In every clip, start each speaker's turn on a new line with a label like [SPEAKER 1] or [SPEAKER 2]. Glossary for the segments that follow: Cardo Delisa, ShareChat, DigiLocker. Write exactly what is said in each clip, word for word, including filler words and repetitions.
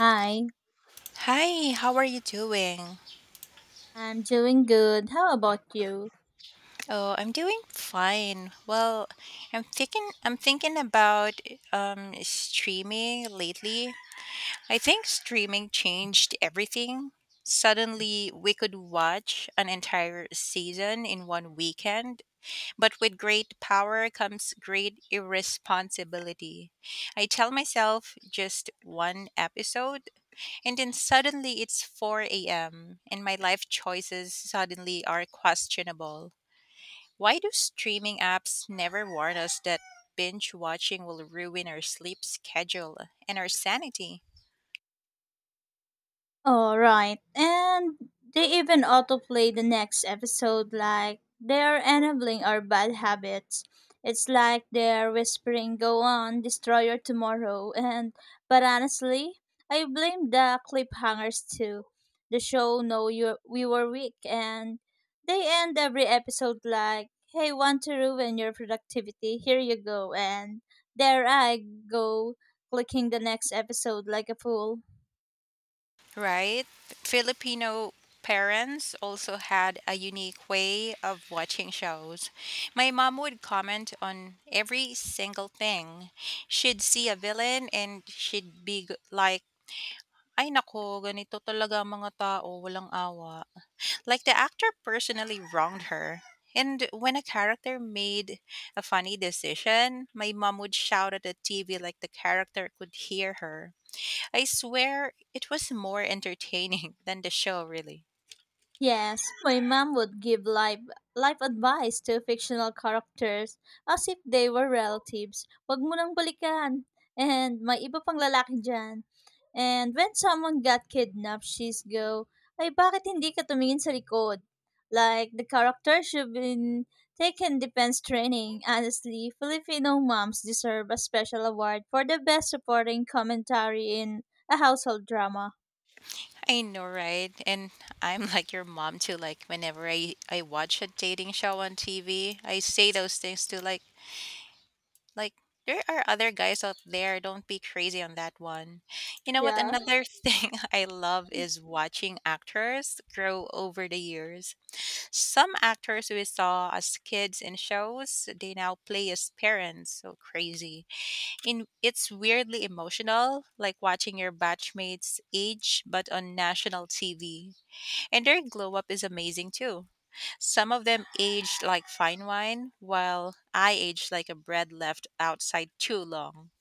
[SPEAKER 1] Hi,
[SPEAKER 2] Hi, how are you doing?
[SPEAKER 1] I'm doing good. How about you?
[SPEAKER 2] Oh, I'm doing fine. Well, I'm thinking I'm thinking about um streaming lately. I think streaming changed everything. Suddenly, we could watch an entire season in one weekend, but with great power comes great irresponsibility. I tell myself just one episode. And then suddenly it's four a m, and my life choices suddenly are questionable. Why do streaming apps never warn us that binge watching will ruin our sleep schedule and our sanity?
[SPEAKER 1] All right. And they even autoplay the next episode like they're enabling our bad habits. It's like they're whispering, go on, destroy your tomorrow. And, but honestly, I blame the cliffhangers too. The show know you we were weak and they end every episode like, hey, want to ruin your productivity? Here you go. And there I go clicking the next episode like a fool.
[SPEAKER 2] Right? Filipino parents also had a unique way of watching shows. My mom would comment on every single thing. She'd see a villain and she'd be g- like, Ay naku, ganito talaga ang mga tao, walang awa. Like, the actor personally wronged her. And when a character made a funny decision, my mom would shout at the T V like the character could hear her. I swear it was more entertaining than the show, really.
[SPEAKER 1] Yes, my mom would give life life advice to fictional characters as if they were relatives. Wag mo nang balikan. And may iba pang lalaki dyan. And when someone got kidnapped, she's go, ay bakit hindi ka tumingin sa likod? Like, the character should be taken defense training. Honestly, Filipino moms deserve a special award for the best supporting commentary in a household drama.
[SPEAKER 2] I know, right? And I'm like your mom too. Like, whenever I, I watch a dating show on T V, I say those things to like Like there are other guys out there, don't be crazy on that one. You know what?
[SPEAKER 1] Yeah.
[SPEAKER 2] Another thing I love is watching actors grow over the years. Some actors we saw as kids in shows, they now play as parents. So crazy. In it's weirdly emotional, like watching your batchmates age but on national T V. And their glow up is amazing too. Some of them aged like fine wine, while I aged like a bread left outside too long.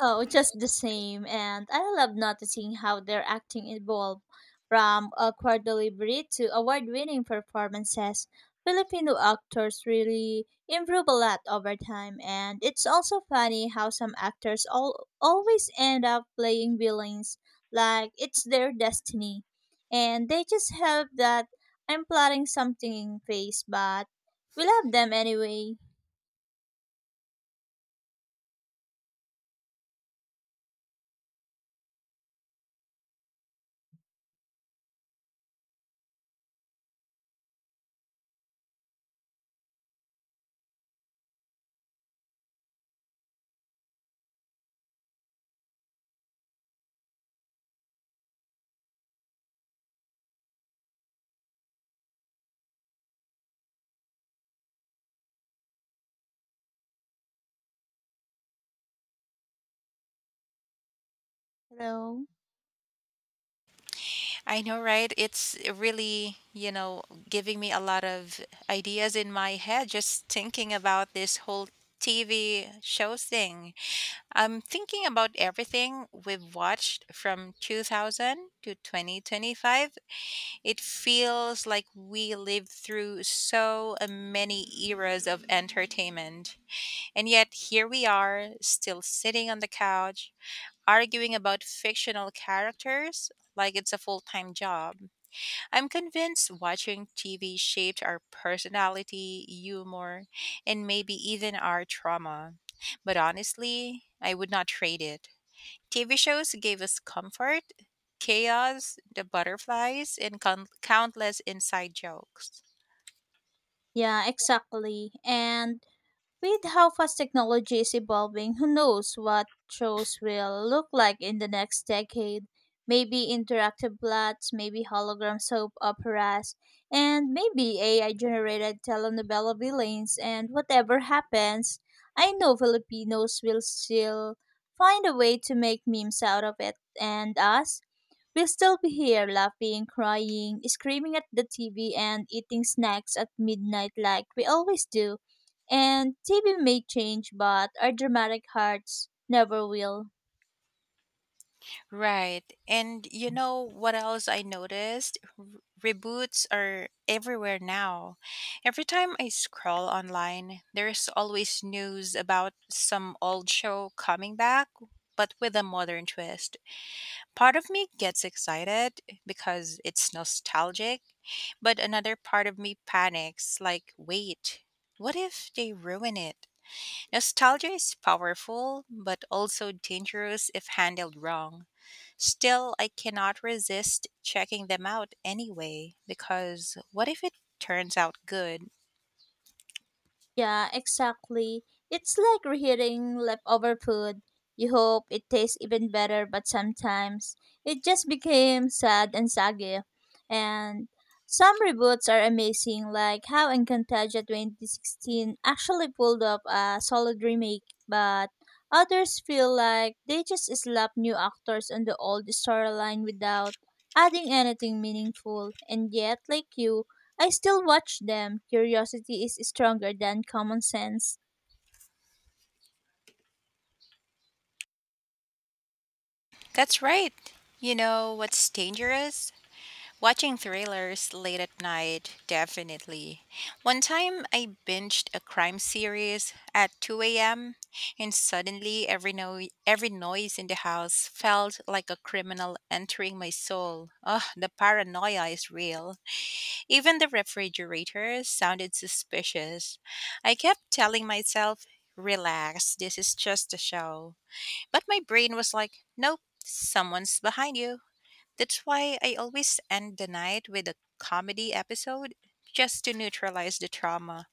[SPEAKER 1] Oh, just the same. And I love noticing how their acting evolved from awkward delivery to award winning performances. Filipino actors really improve a lot over time, and it's also funny how some actors all, always end up playing villains like it's their destiny. And they just have that I'm plotting something face, but we love them anyway. Hello?
[SPEAKER 2] I know, right? It's really, you know, giving me a lot of ideas in my head just thinking about this whole T V show thing. I'm thinking about everything we've watched from two thousand to twenty twenty-five. It feels like we lived through so many eras of entertainment. And yet, here we are, still sitting on the couch, arguing about fictional characters like it's a full time job. I'm convinced watching T V shaped our personality, humor, and maybe even our trauma. But honestly, I would not trade it. T V shows gave us comfort, chaos, the butterflies, and con- countless inside jokes.
[SPEAKER 1] Yeah, exactly. And with how fast technology is evolving, who knows what shows will look like in the next decade? Maybe interactive plots, maybe hologram soap operas, and maybe A I generated telenovela villains. And whatever happens, I know Filipinos will still find a way to make memes out of it. And us? We'll still be here laughing, crying, screaming at the T V, and eating snacks at midnight like we always do. And T V may change, but our dramatic hearts never will.
[SPEAKER 2] Right. And you know what else I noticed? R- reboots are everywhere now. Every time I scroll online, there's always news about some old show coming back, but with a modern twist. Part of me gets excited because it's nostalgic, but another part of me panics like, wait, what if they ruin it? Nostalgia is powerful, but also dangerous if handled wrong. Still, I cannot resist checking them out anyway, because what if it turns out good?
[SPEAKER 1] Yeah, exactly. It's like reheating leftover food. You hope it tastes even better, but sometimes it just became sad and soggy. And some reboots are amazing, like how Encantaja twenty sixteen actually pulled off a solid remake, but others feel like they just slapped new actors on the old storyline without adding anything meaningful. And yet, like you, I still watch them. Curiosity is stronger than common sense.
[SPEAKER 2] That's right. You know what's dangerous? Watching thrillers late at night, definitely. One time I binged a crime series at two a m, and suddenly every, no- every noise in the house felt like a criminal entering my soul. Ugh, the paranoia is real. Even the refrigerator sounded suspicious. I kept telling myself, relax, this is just a show. But my brain was like, nope, someone's behind you. That's why I always end the night with a comedy episode just to neutralize the trauma.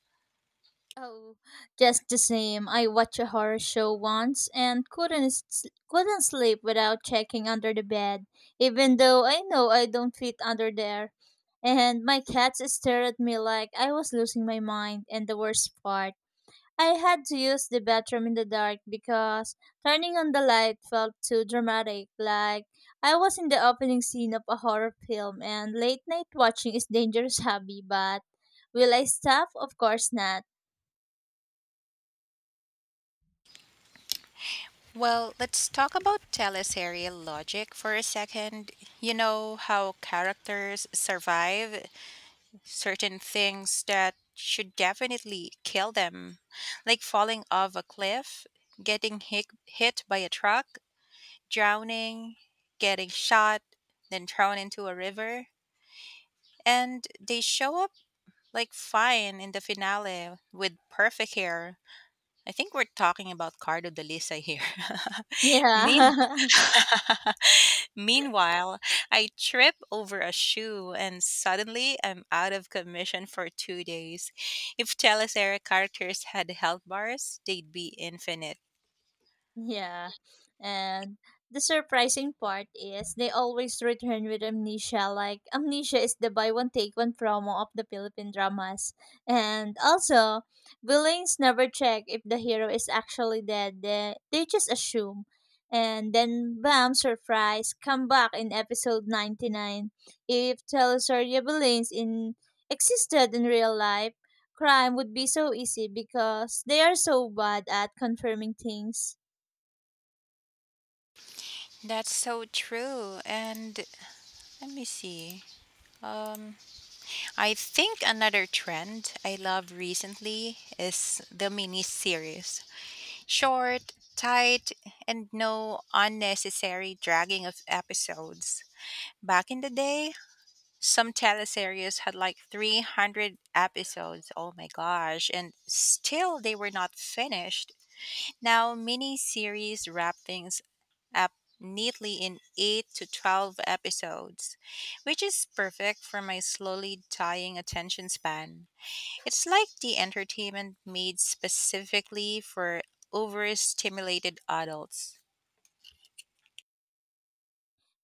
[SPEAKER 1] Oh, just the same. I watched a horror show once and couldn't s- couldn't sleep without checking under the bed, even though I know I don't fit under there. And my cats stared at me like I was losing my mind. And the worst part, I had to use the bathroom in the dark because turning on the light felt too dramatic, like I was in the opening scene of a horror film, and late night watching is dangerous hobby, but will I stop? Of course not.
[SPEAKER 2] Well, let's talk about teleserial logic for a second. You know how characters survive certain things that should definitely kill them, like falling off a cliff, getting hit, hit by a truck, drowning, getting shot, then thrown into a river. And they show up like fine in the finale with perfect hair. I think we're talking about Cardo Delisa here. mean
[SPEAKER 1] Yeah.
[SPEAKER 2] Meanwhile, I trip over a shoe and suddenly I'm out of commission for two days. If Telesera characters had health bars, they'd be infinite.
[SPEAKER 1] Yeah. And the surprising part is they always return with Amnesia. Like, Amnesia is the buy one take one promo of the Philippine dramas. And also, villains never check if the hero is actually dead. They, they just assume. And then, bam, surprise, come back in episode ninety-nine. If Telesoria villains in existed in real life, crime would be so easy because they are so bad at confirming things.
[SPEAKER 2] That's so true. And let me see. Um, I think another trend I love recently is the mini series. Short, tight, and no unnecessary dragging of episodes. Back in the day, some teleseries had like three hundred episodes. Oh my gosh. And still they were not finished. Now, miniseries wrap things up neatly in eight to twelve episodes, which is perfect for my slowly dying attention span. It's like the entertainment made specifically for overstimulated adults.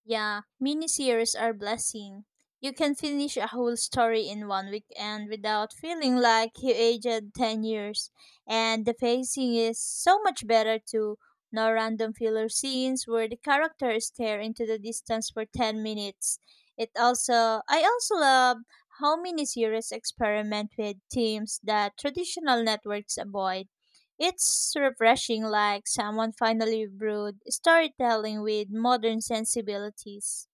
[SPEAKER 1] Yeah, miniseries are blessing. You can finish a whole story in one weekend without feeling like you aged ten years. And the pacing is so much better too. No random filler scenes where the characters stare into the distance for ten minutes. It also, I also love how miniseries experiment with themes that traditional networks avoid. It's refreshing, like someone finally brewed storytelling with modern sensibilities.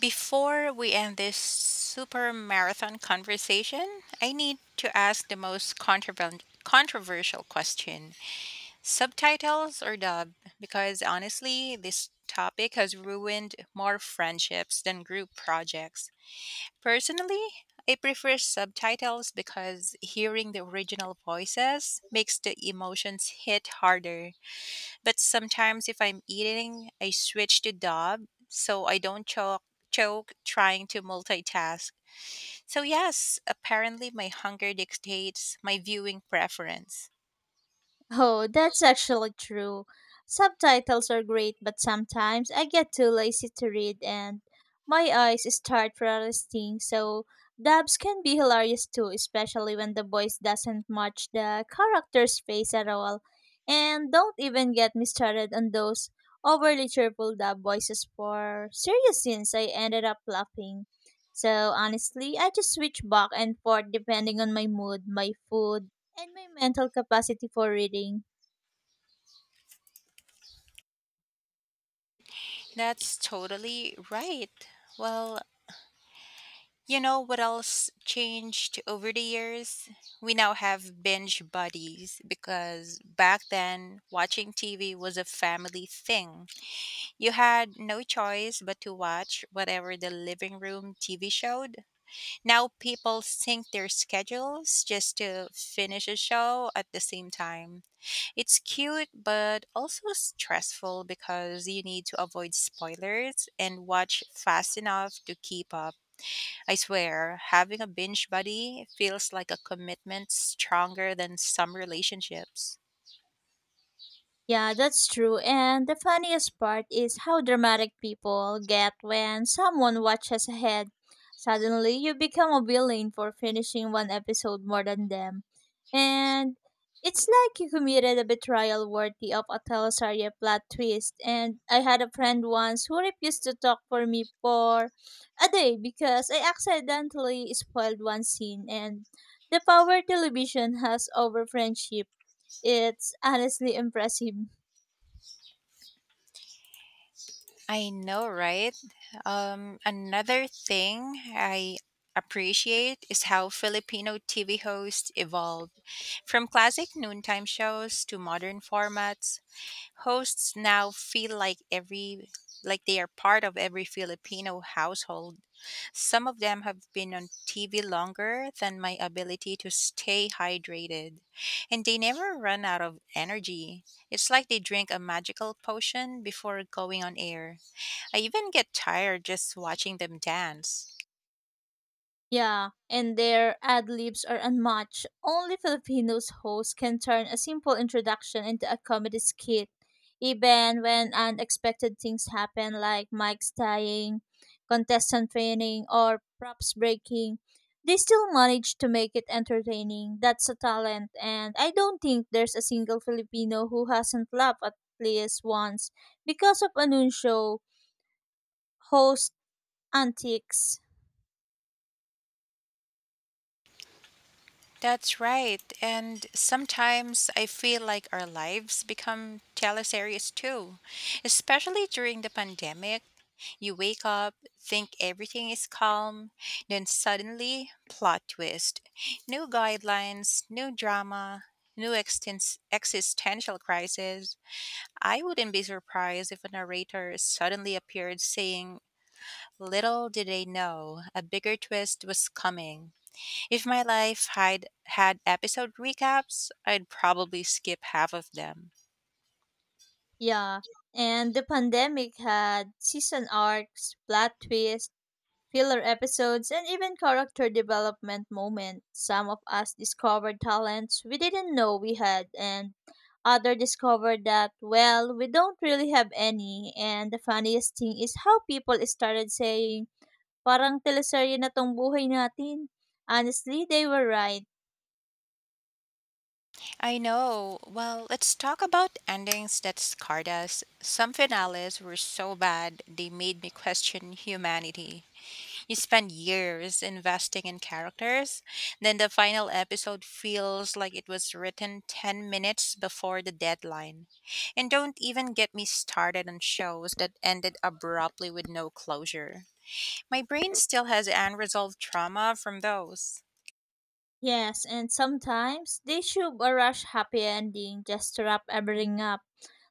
[SPEAKER 2] Before we end this super marathon conversation, I need to ask the most controver- controversial question, subtitles or dub? Because honestly, this topic has ruined more friendships than group projects. Personally, I prefer subtitles because hearing the original voices makes the emotions hit harder. But sometimes if I'm eating, I switch to dub so I don't choke choke trying to multitask. So yes, apparently my hunger dictates my viewing preference.
[SPEAKER 1] Oh, that's actually true. Subtitles are great, but sometimes I get too lazy to read and my eyes start resting, so dubs can be hilarious too, especially when the voice doesn't match the character's face at all. And don't even get me started on those overly cheerful dub voices for serious scenes. I ended up laughing. So honestly, I just switch back and forth depending on my mood, my food, and my mental capacity for reading.
[SPEAKER 2] That's totally right. Well, you know what else changed over the years? We now have binge buddies because back then watching T V was a family thing. You had no choice but to watch whatever the living room T V showed. Now people sync their schedules just to finish a show at the same time. It's cute, but also stressful because you need to avoid spoilers and watch fast enough to keep up. I swear, having a binge buddy feels like a commitment stronger than some relationships.
[SPEAKER 1] Yeah, that's true. And the funniest part is how dramatic people get when someone watches ahead. Suddenly, you become a villain for finishing one episode more than them. And it's like you committed a betrayal worthy of a teleserie plot twist. And I had a friend once who refused to talk for me for a day because I accidentally spoiled one scene. And the power television has over friendship, it's honestly impressive.
[SPEAKER 2] I know, right? Um, another thing I appreciate is how Filipino T V hosts evolved. From classic noontime shows to modern formats, hosts now feel like every like they are part of every Filipino household. Some of them have been on T V longer than my ability to stay hydrated, and they never run out of energy. It's like they drink a magical potion before going on air. I even get tired just watching them dance.
[SPEAKER 1] Yeah, and their ad libs are unmatched. Only Filipinos hosts can turn a simple introduction into a comedy skit. Even when unexpected things happen, like mics dying, contestant training, or props breaking, they still manage to make it entertaining. That's a talent, and I don't think there's a single Filipino who hasn't laughed at least once because of Anuncio host antics.
[SPEAKER 2] That's right. And sometimes I feel like our lives become teleseries too. Especially during the pandemic, you wake up, think everything is calm, then suddenly, plot twist. New guidelines, new drama, new extens- existential crisis. I wouldn't be surprised if a narrator suddenly appeared saying, little did they know, a bigger twist was coming. If my life had had episode recaps, I'd probably skip half of them.
[SPEAKER 1] Yeah, and the pandemic had season arcs, plot twists, filler episodes, and even character development moments. Some of us discovered talents we didn't know we had, and other discovered that, well, we don't really have any. And the funniest thing is how people started saying, parang teleserye na tong buhay natin. Honestly, they were right.
[SPEAKER 2] I know. Well, let's talk about endings that scarred us. Some finales were so bad they made me question humanity. You spend years investing in characters, then the final episode feels like it was written ten minutes before the deadline. And don't even get me started on shows that ended abruptly with no closure. My brain still has unresolved trauma from those.
[SPEAKER 1] Yes, and sometimes they shove a rush happy ending just to wrap everything up.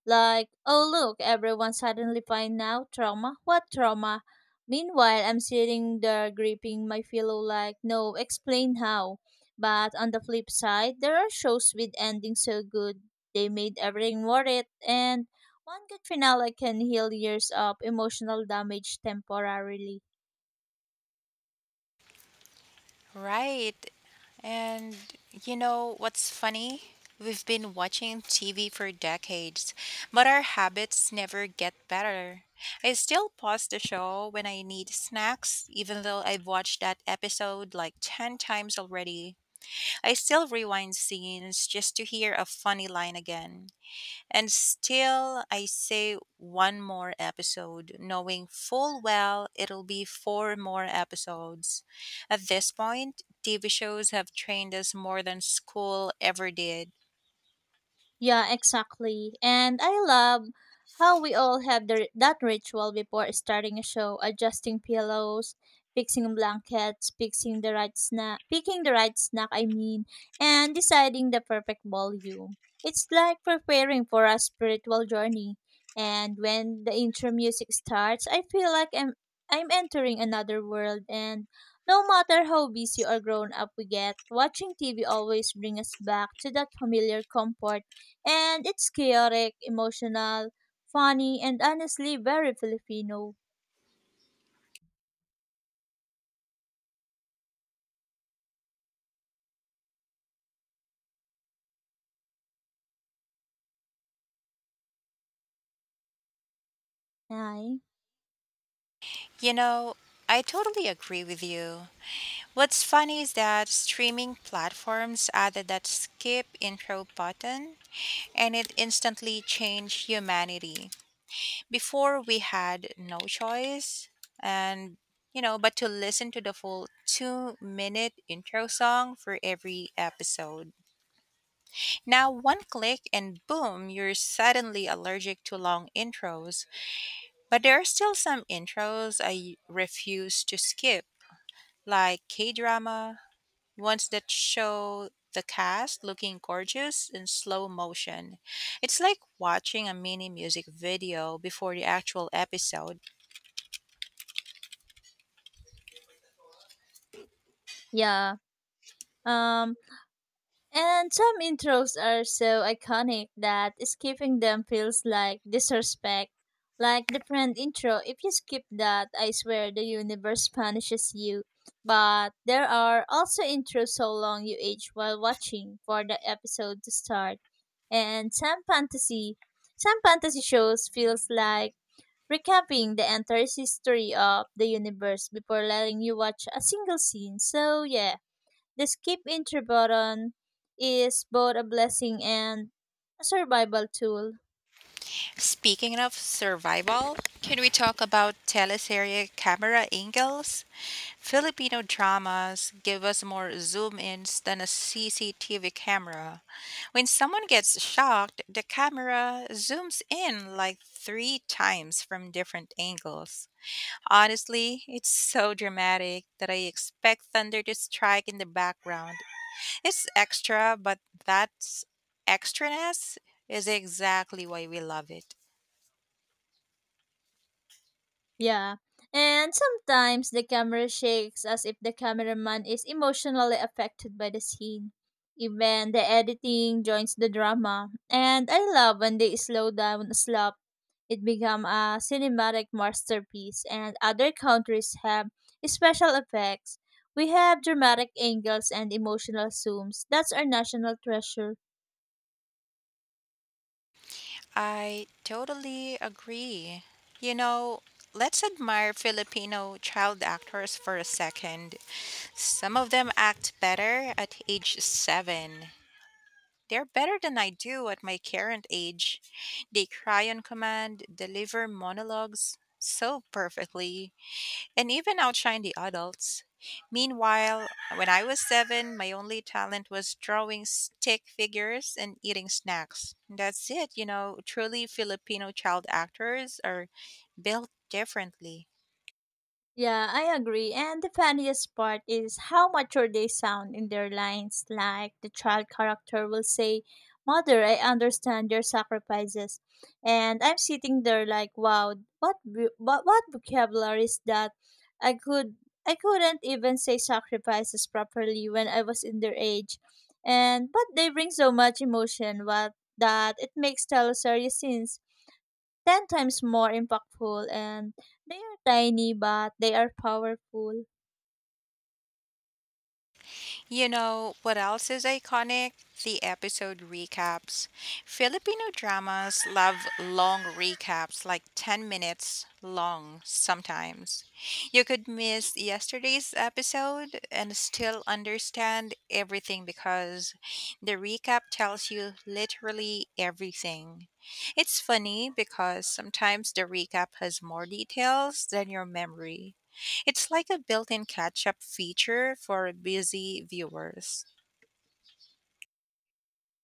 [SPEAKER 1] Like, oh look, everyone suddenly find out trauma. What trauma? Meanwhile, I'm sitting there gripping my pillow like, no, explain how. But on the flip side, there are shows with endings so good they made everything worth it, and one good finale can heal years of emotional damage temporarily.
[SPEAKER 2] Right. And you know what's funny? We've been watching T V for decades, but our habits never get better. I still pause the show when I need snacks, even though I've watched that episode like ten times already. I still rewind scenes just to hear a funny line again. And still, I say one more episode, knowing full well it'll be four more episodes. At this point, T V shows have trained us more than school ever did.
[SPEAKER 1] Yeah, exactly. And I love how we all have the, that ritual before starting a show, adjusting pillows, fixing blankets, fixing the right snack, picking the right snack, I mean, and deciding the perfect volume. It's like preparing for a spiritual journey. And when the intro music starts, I feel like I'm I'm entering another world, and no matter how busy or grown up we get, watching T V always brings us back to that familiar comfort, and it's chaotic, emotional, funny, and honestly very Filipino. Ay.
[SPEAKER 2] You know, I totally agree with you. What's funny is that streaming platforms added that skip intro button and it instantly changed humanity. Before we had no choice and you know, but to listen to the full two minute intro song for every episode. Now, one click and boom, you're suddenly allergic to long intros. But there are still some intros I refuse to skip, like K drama, ones that show the cast looking gorgeous in slow motion. It's like watching a mini music video before the actual episode.
[SPEAKER 1] Yeah. Um, and some intros are so iconic that skipping them feels like disrespect. Like the friend intro, if you skip that, I swear the universe punishes you. But there are also intros so long you age while watching for the episode to start. And some fantasy, some fantasy shows feels like recapping the entire history of the universe before letting you watch a single scene. So, yeah, the skip intro button is both a blessing and a survival tool.
[SPEAKER 2] Speaking of survival, can we talk about teleserye camera angles? Filipino dramas give us more zoom ins than a C C T V camera. When someone gets shocked, the camera zooms in like three times from different angles. Honestly, it's so dramatic that I expect thunder to strike in the background. It's extra, but that's extraness is exactly why we love it.
[SPEAKER 1] Yeah. And sometimes the camera shakes as if the cameraman is emotionally affected by the scene. Even the editing joins the drama. And I love when they slow down slop. It become a cinematic masterpiece and other countries have special effects. We have dramatic angles and emotional zooms. That's our national treasure.
[SPEAKER 2] I totally agree. You know, let's admire Filipino child actors for a second. Some of them act better at age seven. They're better than I do at my current age. They cry on command, deliver monologues so perfectly and even outshine the adults. Meanwhile, when I was seven, my only talent was drawing stick figures and eating snacks. That's it, you know, truly Filipino child actors are built differently.
[SPEAKER 1] Yeah, I agree. And the funniest part is how mature they sound in their lines. Like the child character will say, mother, I understand your sacrifices. And I'm sitting there like, wow, what vo- what, what vocabulary is that? I could I couldn't even say sacrifices properly when I was in their age. And but they bring so much emotion what that it makes teleseries scenes ten times more impactful and they are tiny but they are powerful.
[SPEAKER 2] You know what else is iconic? The episode recaps. Filipino dramas love long recaps, like ten minutes long sometimes. You could miss yesterday's episode and still understand everything because the recap tells you literally everything. It's funny because sometimes the recap has more details than your memory. It's like a built in catch up feature for busy viewers.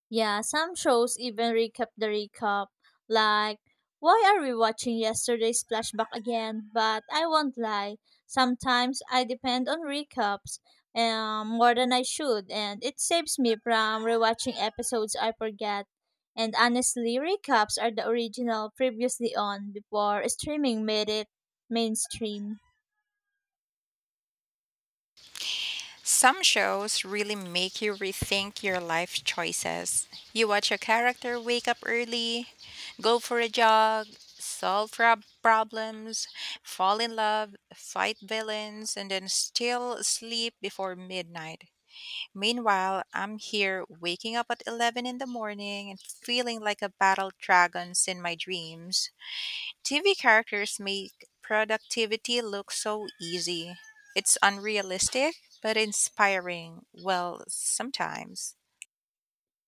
[SPEAKER 1] Yeah, some shows even recap the recap like why are we watching yesterday's flashback again? But I won't lie, sometimes I depend on recaps um, more than I should and it saves me from rewatching episodes I forget. And honestly, recaps are the original previously on before streaming made it mainstream.
[SPEAKER 2] Some shows really make you rethink your life choices. You watch a character wake up early, go for a jog, solve prob- problems, fall in love, fight villains, and then still sleep before midnight. Meanwhile, I'm here waking up at eleven in the morning and feeling like a battle dragons in my dreams. T V characters make productivity look so easy. It's unrealistic, but inspiring. Well, sometimes.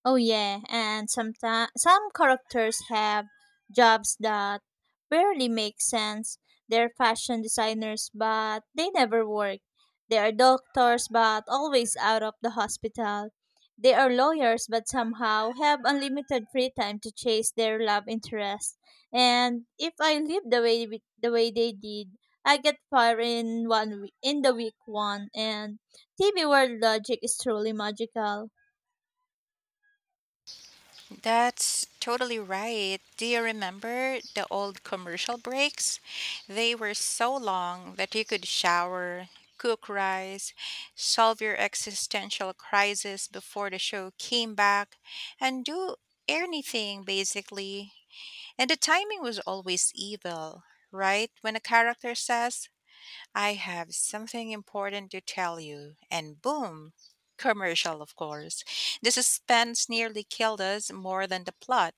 [SPEAKER 1] Oh yeah, and sometimes some characters have jobs that barely make sense. They're fashion designers, but they never work. They are doctors, but always out of the hospital. They are lawyers, but somehow have unlimited free time to chase their love interest. And if I live the way we- the way they did, I get fired in one we- in the week one. And T V world logic is truly magical.
[SPEAKER 2] That's totally right. Do you remember the old commercial breaks? They were so long that you could shower, cook rice, solve your existential crisis before the show came back, and do anything basically. And the timing was always evil, right? When a character says, I have something important to tell you, and boom, commercial, of course. The suspense nearly killed us more than the plot.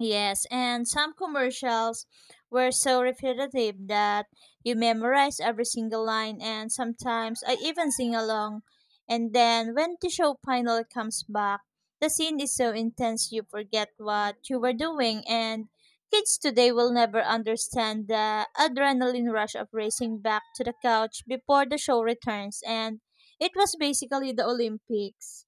[SPEAKER 1] Yes, and some commercials were so repetitive that you memorize every single line, and sometimes I even sing along. And then when the show finally comes back, the scene is so intense you forget what you were doing, and kids today will never understand the adrenaline rush of racing back to the couch before the show returns, and it was basically the Olympics.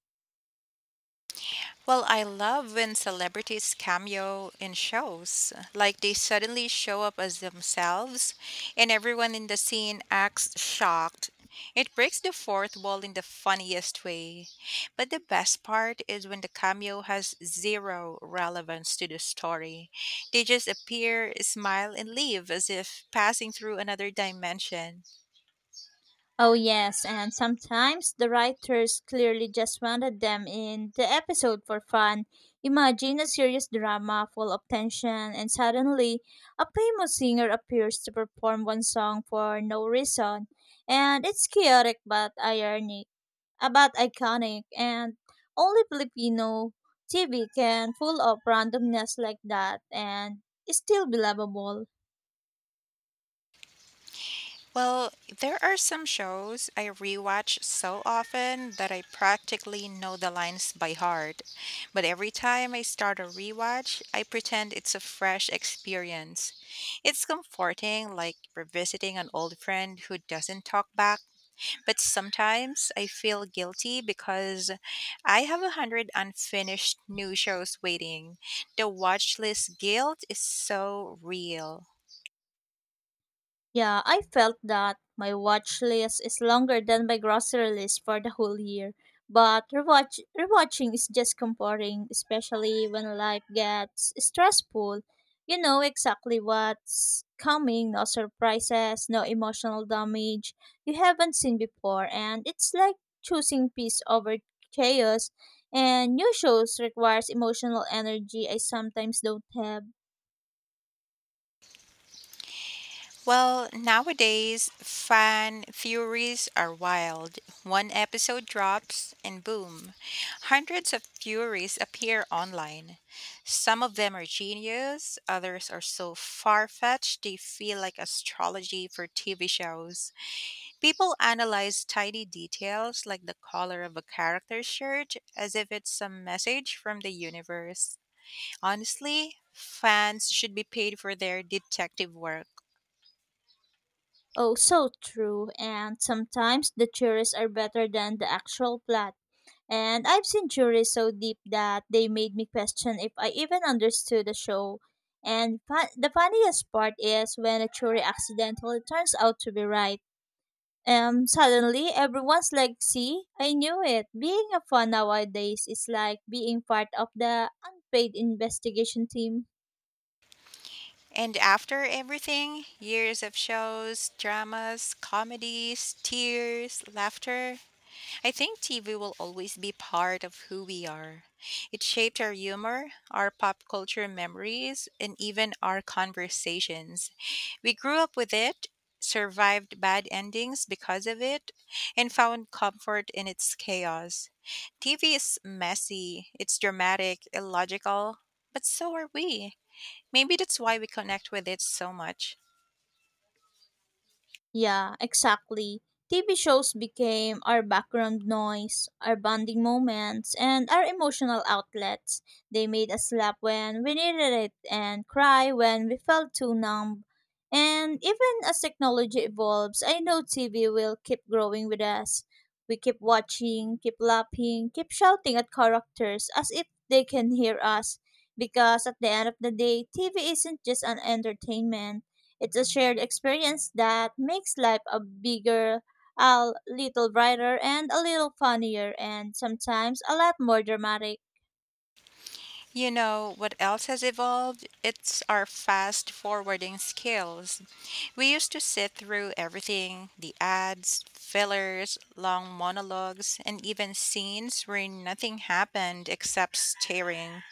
[SPEAKER 2] Well, I love when celebrities cameo in shows. Like they suddenly show up as themselves, and everyone in the scene acts shocked. It breaks the fourth wall in the funniest way. But the best part is when the cameo has zero relevance to the story. They just appear, smile, and leave as if passing through another dimension.
[SPEAKER 1] Oh, yes, and sometimes the writers clearly just wanted them in the episode for fun. Imagine a serious drama full of tension, and suddenly a famous singer appears to perform one song for no reason. And it's chaotic but ironic, uh, but iconic, and only Filipino T V can pull off randomness like that and it's still believable.
[SPEAKER 2] Well, there are some shows I rewatch so often that I practically know the lines by heart. But every time I start a rewatch, I pretend it's a fresh experience. It's comforting, like revisiting an old friend who doesn't talk back. But sometimes I feel guilty because I have a hundred unfinished new shows waiting. The watch list guilt is so real.
[SPEAKER 1] Yeah, I felt that my watch list is longer than my grocery list for the whole year. But rewatch rewatching is just comforting, especially when life gets stressful. You know exactly what's coming, no surprises, no emotional damage you haven't seen before, and it's like choosing peace over chaos. And new shows requires emotional energy I sometimes don't have.
[SPEAKER 2] Well, nowadays, fan theories are wild. One episode drops, and boom, hundreds of theories appear online. Some of them are genius, others are so far fetched they feel like astrology for T V shows. People analyze tiny details like the color of a character's shirt as if it's some message from the universe. Honestly, fans should be paid for their detective work.
[SPEAKER 1] Oh, so true. And sometimes the theories are better than the actual plot. And I've seen theories so deep that they made me question if I even understood the show. And fu- the funniest part is when a theory accidentally turns out to be right. Um, suddenly everyone's like, "See, I knew it." Being a fan nowadays is like being part of the unpaid investigation team.
[SPEAKER 2] And after everything, years of shows, dramas, comedies, tears, laughter, I think T V will always be part of who we are. It shaped our humor, our pop culture memories, and even our conversations. We grew up with it, survived bad endings because of it, and found comfort in its chaos. T V is messy, it's dramatic, illogical, but so are we. Maybe that's why we connect with it so much.
[SPEAKER 1] Yeah, exactly. T V shows became our background noise, our bonding moments, and our emotional outlets. They made us laugh when we needed it and cry when we felt too numb. And even as technology evolves, I know T V will keep growing with us. We keep watching, keep laughing, keep shouting at characters as if they can hear us. Because at the end of the day, T V isn't just an entertainment, it's a shared experience that makes life a bigger, a little brighter, and a little funnier, and sometimes a lot more dramatic.
[SPEAKER 2] You know, what else has evolved? It's our fast forwarding skills. We used to sit through everything, the ads, fillers, long monologues, and even scenes where nothing happened except staring.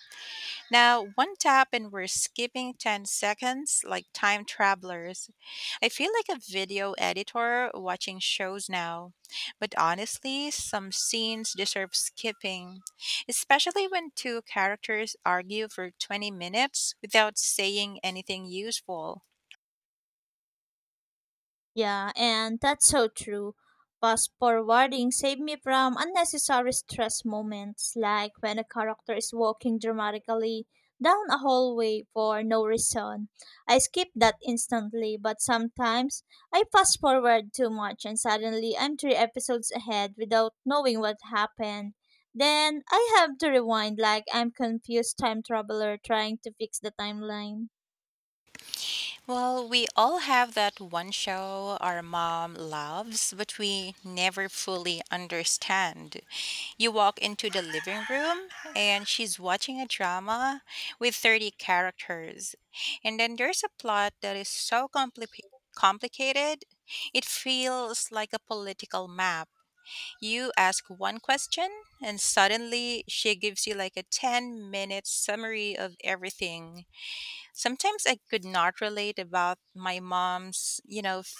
[SPEAKER 2] Now, one tap and we're skipping ten seconds like time travelers. I feel like a video editor watching shows now. But honestly, some scenes deserve skipping, especially when two characters argue for twenty minutes without saying anything useful.
[SPEAKER 1] Yeah, and that's so true. Fast forwarding saved me from unnecessary stress moments, like when a character is walking dramatically down a hallway for no reason. I skip that instantly, but sometimes I fast forward too much and suddenly I'm three episodes ahead without knowing what happened. Then I have to rewind like I'm confused time traveler trying to fix the timeline.
[SPEAKER 2] Well, we all have that one show our mom loves, but we never fully understand. You walk into the living room and she's watching a drama with thirty characters. And then there's a plot that is so complicated. Complicated, it feels like a political map. You ask one question, and suddenly she gives you like a ten minute summary of everything. Sometimes I could not relate about my mom's, you know, f-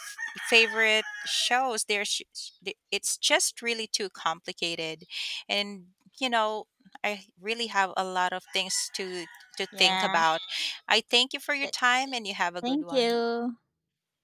[SPEAKER 2] favorite shows. There's sh- sh- the- It's just really too complicated, and you know, I really have a lot of things to to think
[SPEAKER 1] Yeah.
[SPEAKER 2] about. I thank you for your
[SPEAKER 1] Th-
[SPEAKER 2] time, and you have a good
[SPEAKER 1] Thank
[SPEAKER 2] one.
[SPEAKER 1] you.